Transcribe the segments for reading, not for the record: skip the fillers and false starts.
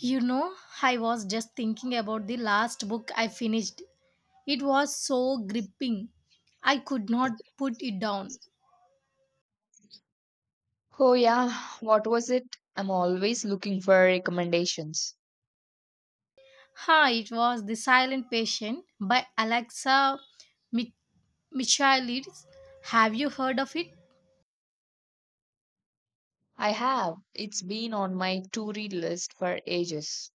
You know, I was just thinking about the last book I finished. It was so gripping. I could not put it down. Oh, yeah. What was it? I'm always looking for recommendations. Ha, it was The Silent Patient by Alexa Mi- Michaelides. Have you heard of it? I have. It's been on my to read list for ages.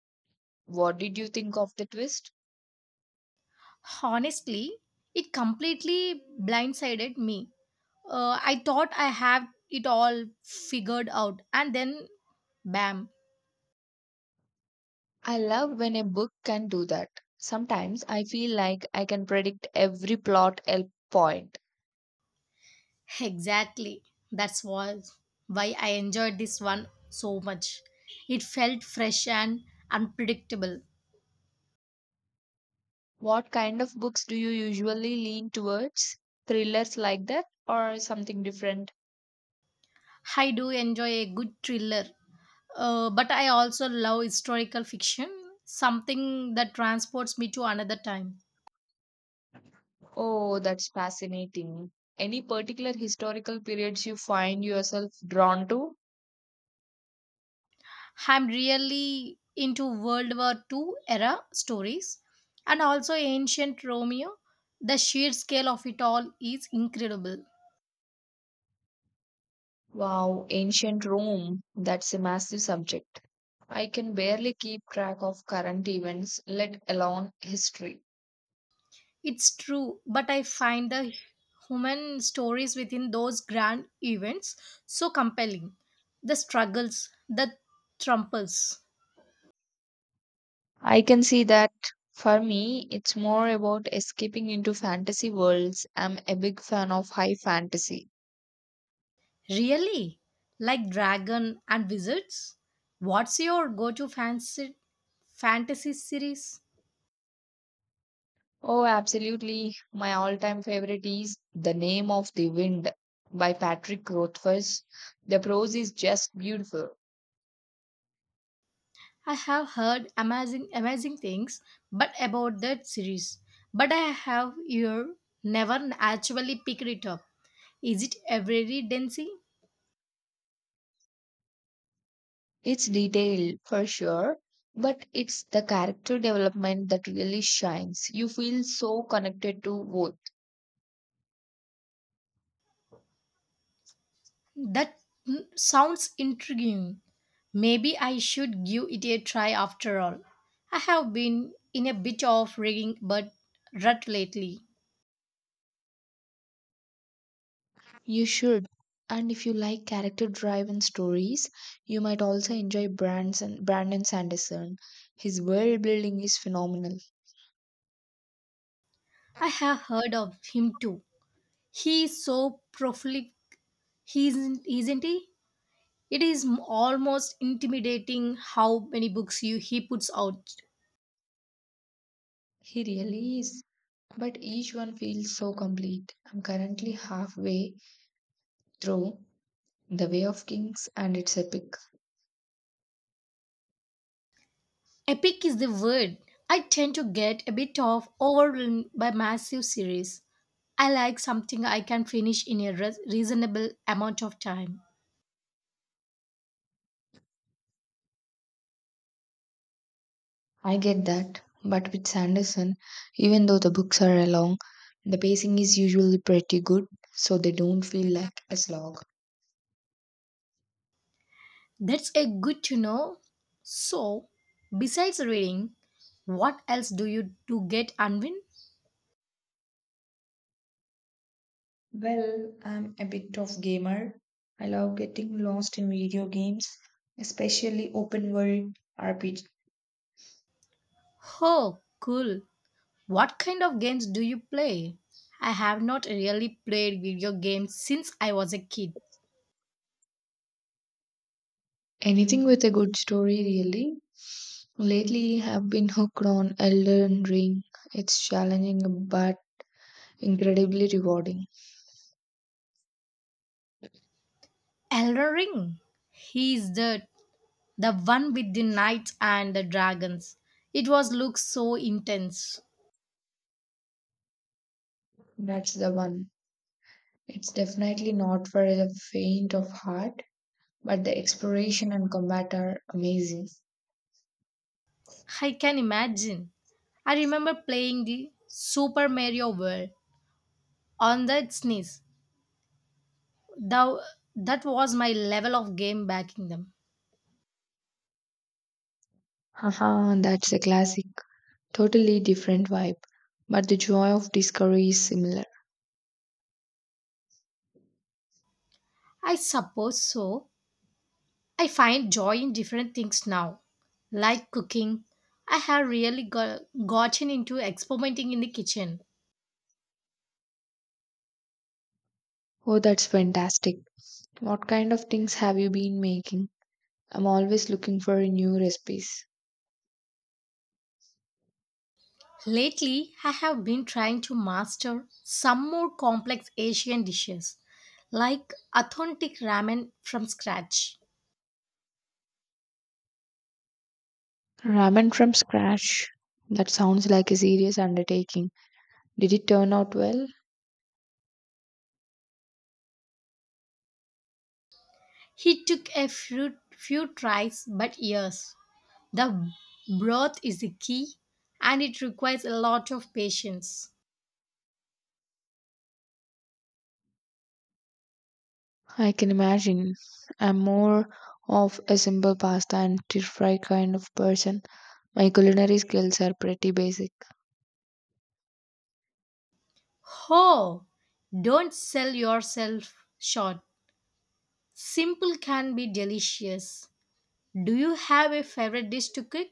What did you think of the twist? Honestly, it completely blindsided me. I thought I had it all figured out, and then bam. I love when a book can do that. Sometimes I feel like I can predict every point. Exactly. That's was why I enjoyed this one so much. It felt fresh and unpredictable. What kind of books do you usually lean towards? Thrillers like that or something different? I do enjoy a good thriller, but I also love historical fiction, something that transports me to another time. Oh, that's fascinating. Any particular historical periods you find yourself drawn to? I'm really into World War Two era stories and also ancient Romeo. The sheer scale of it all is incredible. Wow, ancient Rome. That's a massive subject. I can barely keep track of current events, let alone history. It's true, but I find the human stories within those grand events so compelling. The struggles, the trumples. I can see that for me, it's more about escaping into fantasy worlds. I'm a big fan of high fantasy. Really? Like dragon and wizards? What's your go-to fancy fantasy series? Oh, absolutely. My all time favorite is The Name of the Wind by Patrick Rothfuss. The prose is just beautiful. I have heard amazing things but about that series. But I have here never actually picked it up. Is it every density? It's detailed for sure, but it's the character development that really shines. You feel so connected to both. That sounds intriguing. Maybe I should give it a try after all. I have been in a bit of rigging but rut lately. You should. And if you like character driven stories, you might also enjoy Brandon Sanderson. His world building is phenomenal. I have heard of him too. He is so prolific, he isn't he? It is almost intimidating how many books he puts out. He really is. But each one feels so complete. I'm currently halfway through The Way of Kings and it's epic. Epic is the word. I tend to get a bit of overwhelmed by massive series. I like something I can finish in a reasonable amount of time. I get that, but with Sanderson, even though the books are long, the pacing is usually pretty good, so they don't feel like a slog. That's a good to know. So, besides reading, what else do you do get unwind? Well, I'm a bit of gamer. I love getting lost in video games, especially open world RPG. Oh, cool. What kind of games do you play? I have not really played video games since I was a kid. Anything with a good story, really. Lately, I've been hooked on Elden Ring. It's challenging but incredibly rewarding. Elder Ring. He is the one with the knights and the dragons. It was looks so intense. That's the one. It's definitely not for the faint of heart, but the exploration and combat are amazing. I can imagine. I remember playing the Super Mario World on the SNES. Thou, that was my level of game back in them. Haha, that's a classic. Totally different vibe, but the joy of discovery is similar. I suppose so. I find joy in different things now, like cooking. I have gotten into experimenting in the kitchen. Oh, that's fantastic. What kind of things have you been making? I'm always looking for new recipes. Lately, I have been trying to master some more complex Asian dishes, like authentic ramen from scratch. Ramen from scratch. That sounds like a serious undertaking. Did it turn out well? He took a few tries, but yes, the broth is the key and it requires a lot of patience. I can imagine. I'm more of a simple pasta and stir fry kind of person. My culinary skills are pretty basic. Oh, don't sell yourself short. Simple can be delicious. Do you have a favorite dish to cook?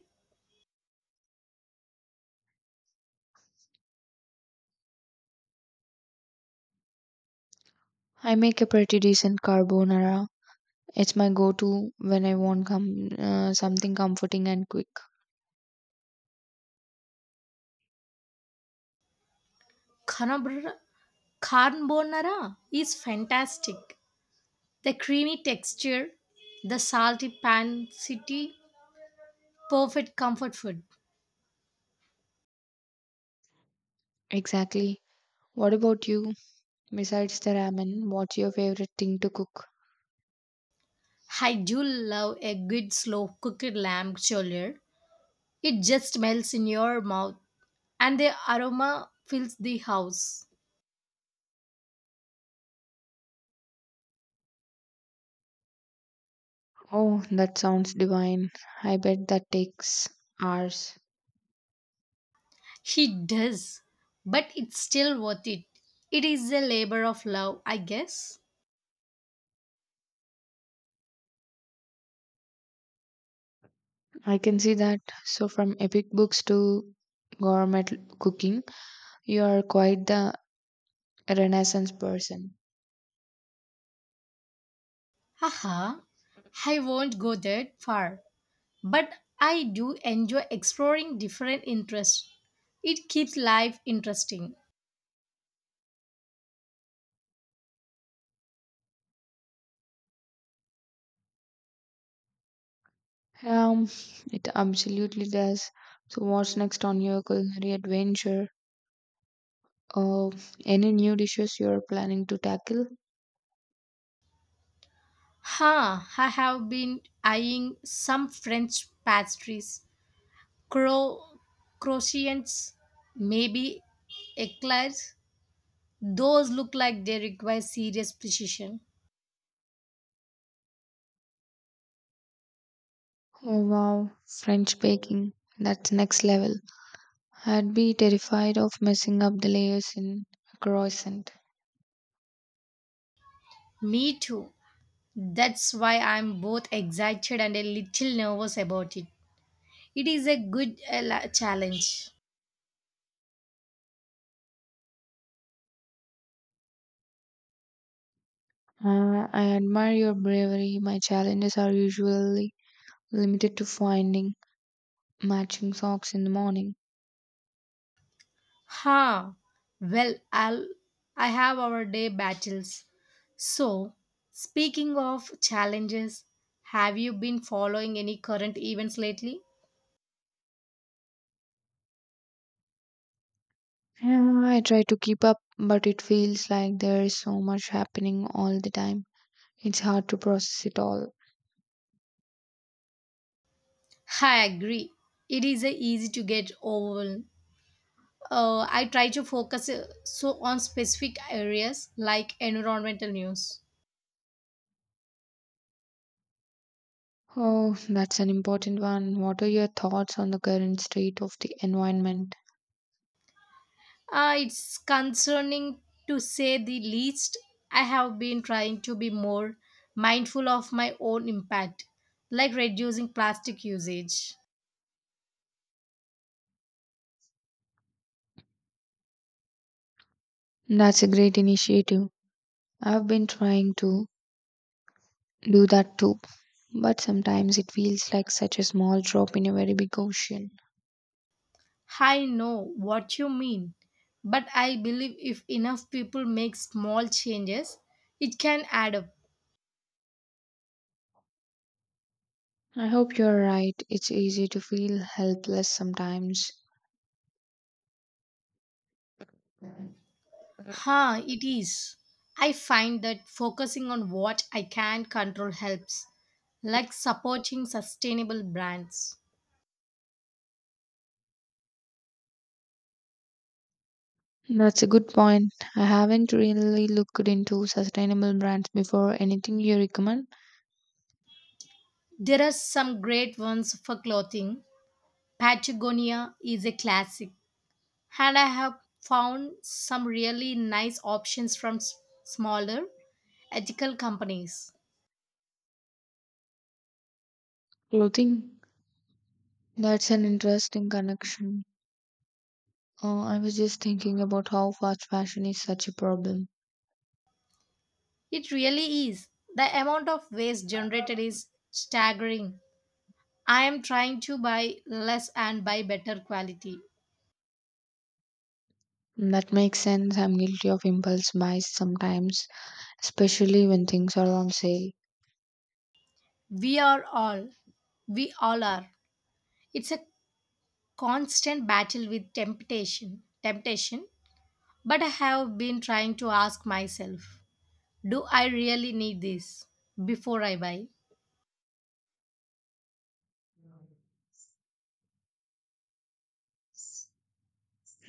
I make a pretty decent carbonara. It's my go-to when I want something comforting and quick. Carbonara carbonara is fantastic. The creamy texture, the salty pancity, perfect comfort food. Exactly. What about you? Besides the ramen, what's your favorite thing to cook? I do love a good slow cooked lamb chowder. It just melts in your mouth and the aroma fills the house. Oh, that sounds divine. I bet that takes hours. It does, but it's still worth it. It is a labor of love, I guess. I can see that. So, from epic books to gourmet cooking, you are quite the renaissance person. Haha, I won't go that far, but I do enjoy exploring different interests. It keeps life interesting. Um, it absolutely does. So, what's next on your culinary adventure? Oh, any new dishes you're planning to tackle? Ha, I have been eyeing some French pastries, Cro- croissants, maybe eclairs. Those look like they require serious precision. Oh wow, French baking. That's next level. I'd be terrified of messing up the layers in a croissant. Me too. That's why I'm both excited and a little nervous about it. It is a good challenge. I admire your bravery. My challenges are usually limited to finding matching socks in the morning. Ha! Well, I have our day battles. So, speaking of challenges, have you been following any current events lately? Yeah, I try to keep up, but it feels like there is so much happening all the time. It's hard to process it all. I agree. It is easy to get overwhelmed. I try to focus so on specific areas like environmental news. Oh, that's an important one. What are your thoughts on the current state of the environment? It's concerning to say the least. I have been trying to be more mindful of my own impact, like reducing plastic usage. That's a great initiative. I've been trying to do that too, but sometimes it feels like such a small drop in a very big ocean. I know what you mean, but I believe if enough people make small changes, it can add up. I hope you're right. It's easy to feel helpless sometimes. Ha, it is. I find that focusing on what I can control helps, like supporting sustainable brands. That's a good point. I haven't really looked into sustainable brands before. Anything you recommend? There are some great ones for clothing. Patagonia is a classic, and I have found some really nice options from smaller, ethical companies. Clothing? That's an interesting connection. I was just thinking about how fast fashion is such a problem. It really is. The amount of waste generated is staggering. I am trying to buy less and buy better quality. That makes sense. I'm guilty of impulse buys sometimes, especially when things are on sale. We are all we all are, it's a constant battle with temptation, but I have been trying to ask myself, do I really need this before I buy.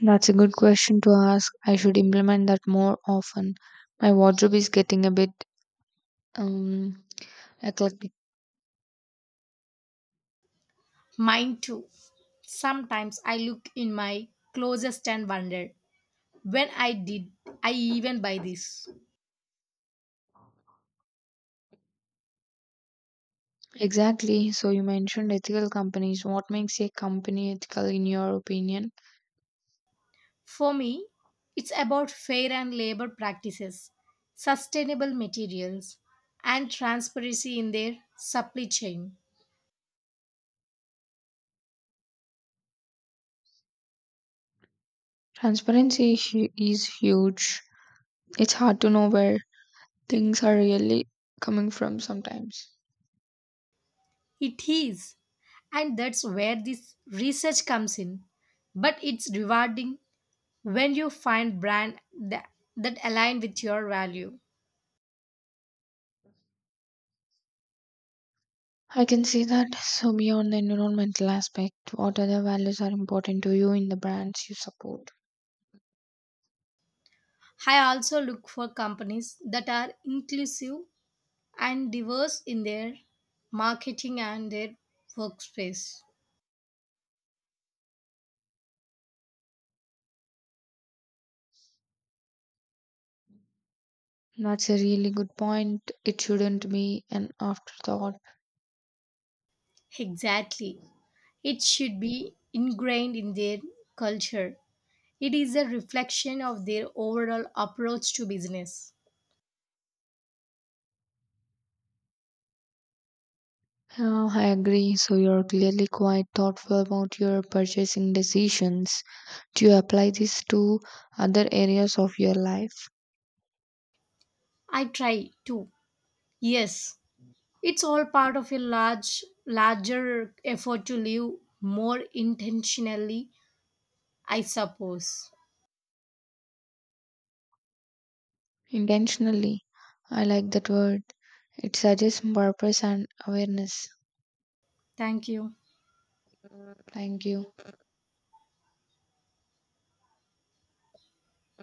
That's a good question to ask. I should implement that more often. My wardrobe is getting a bit um, eclectic. Mine too, sometimes I look in my closest and wonder when I did I even buy this. Exactly. So, you mentioned ethical companies. What makes a company ethical in your opinion? For me, it's about fair and labor practices, sustainable materials, and transparency in their supply chain. Is huge. It's hard to know where things are really coming from sometimes. It is, and that's where this research comes in, but it's rewarding when you find brand that align with your value. I can see that. So, beyond the environmental aspect, what other values are important to you in the brands you support? I also look for companies that are inclusive and diverse in their marketing and their workspace. That's a really good point. It shouldn't be an afterthought. Exactly, it should be ingrained in their culture. It is a reflection of their overall approach to business. I agree. So, you're clearly quite thoughtful about your purchasing decisions. Do you apply this to other areas of your life? I try to, yes. It's all part of a larger effort to live more intentionally, I suppose. Intentionally. I like that word. It suggests purpose and awareness. Thank you. Thank you.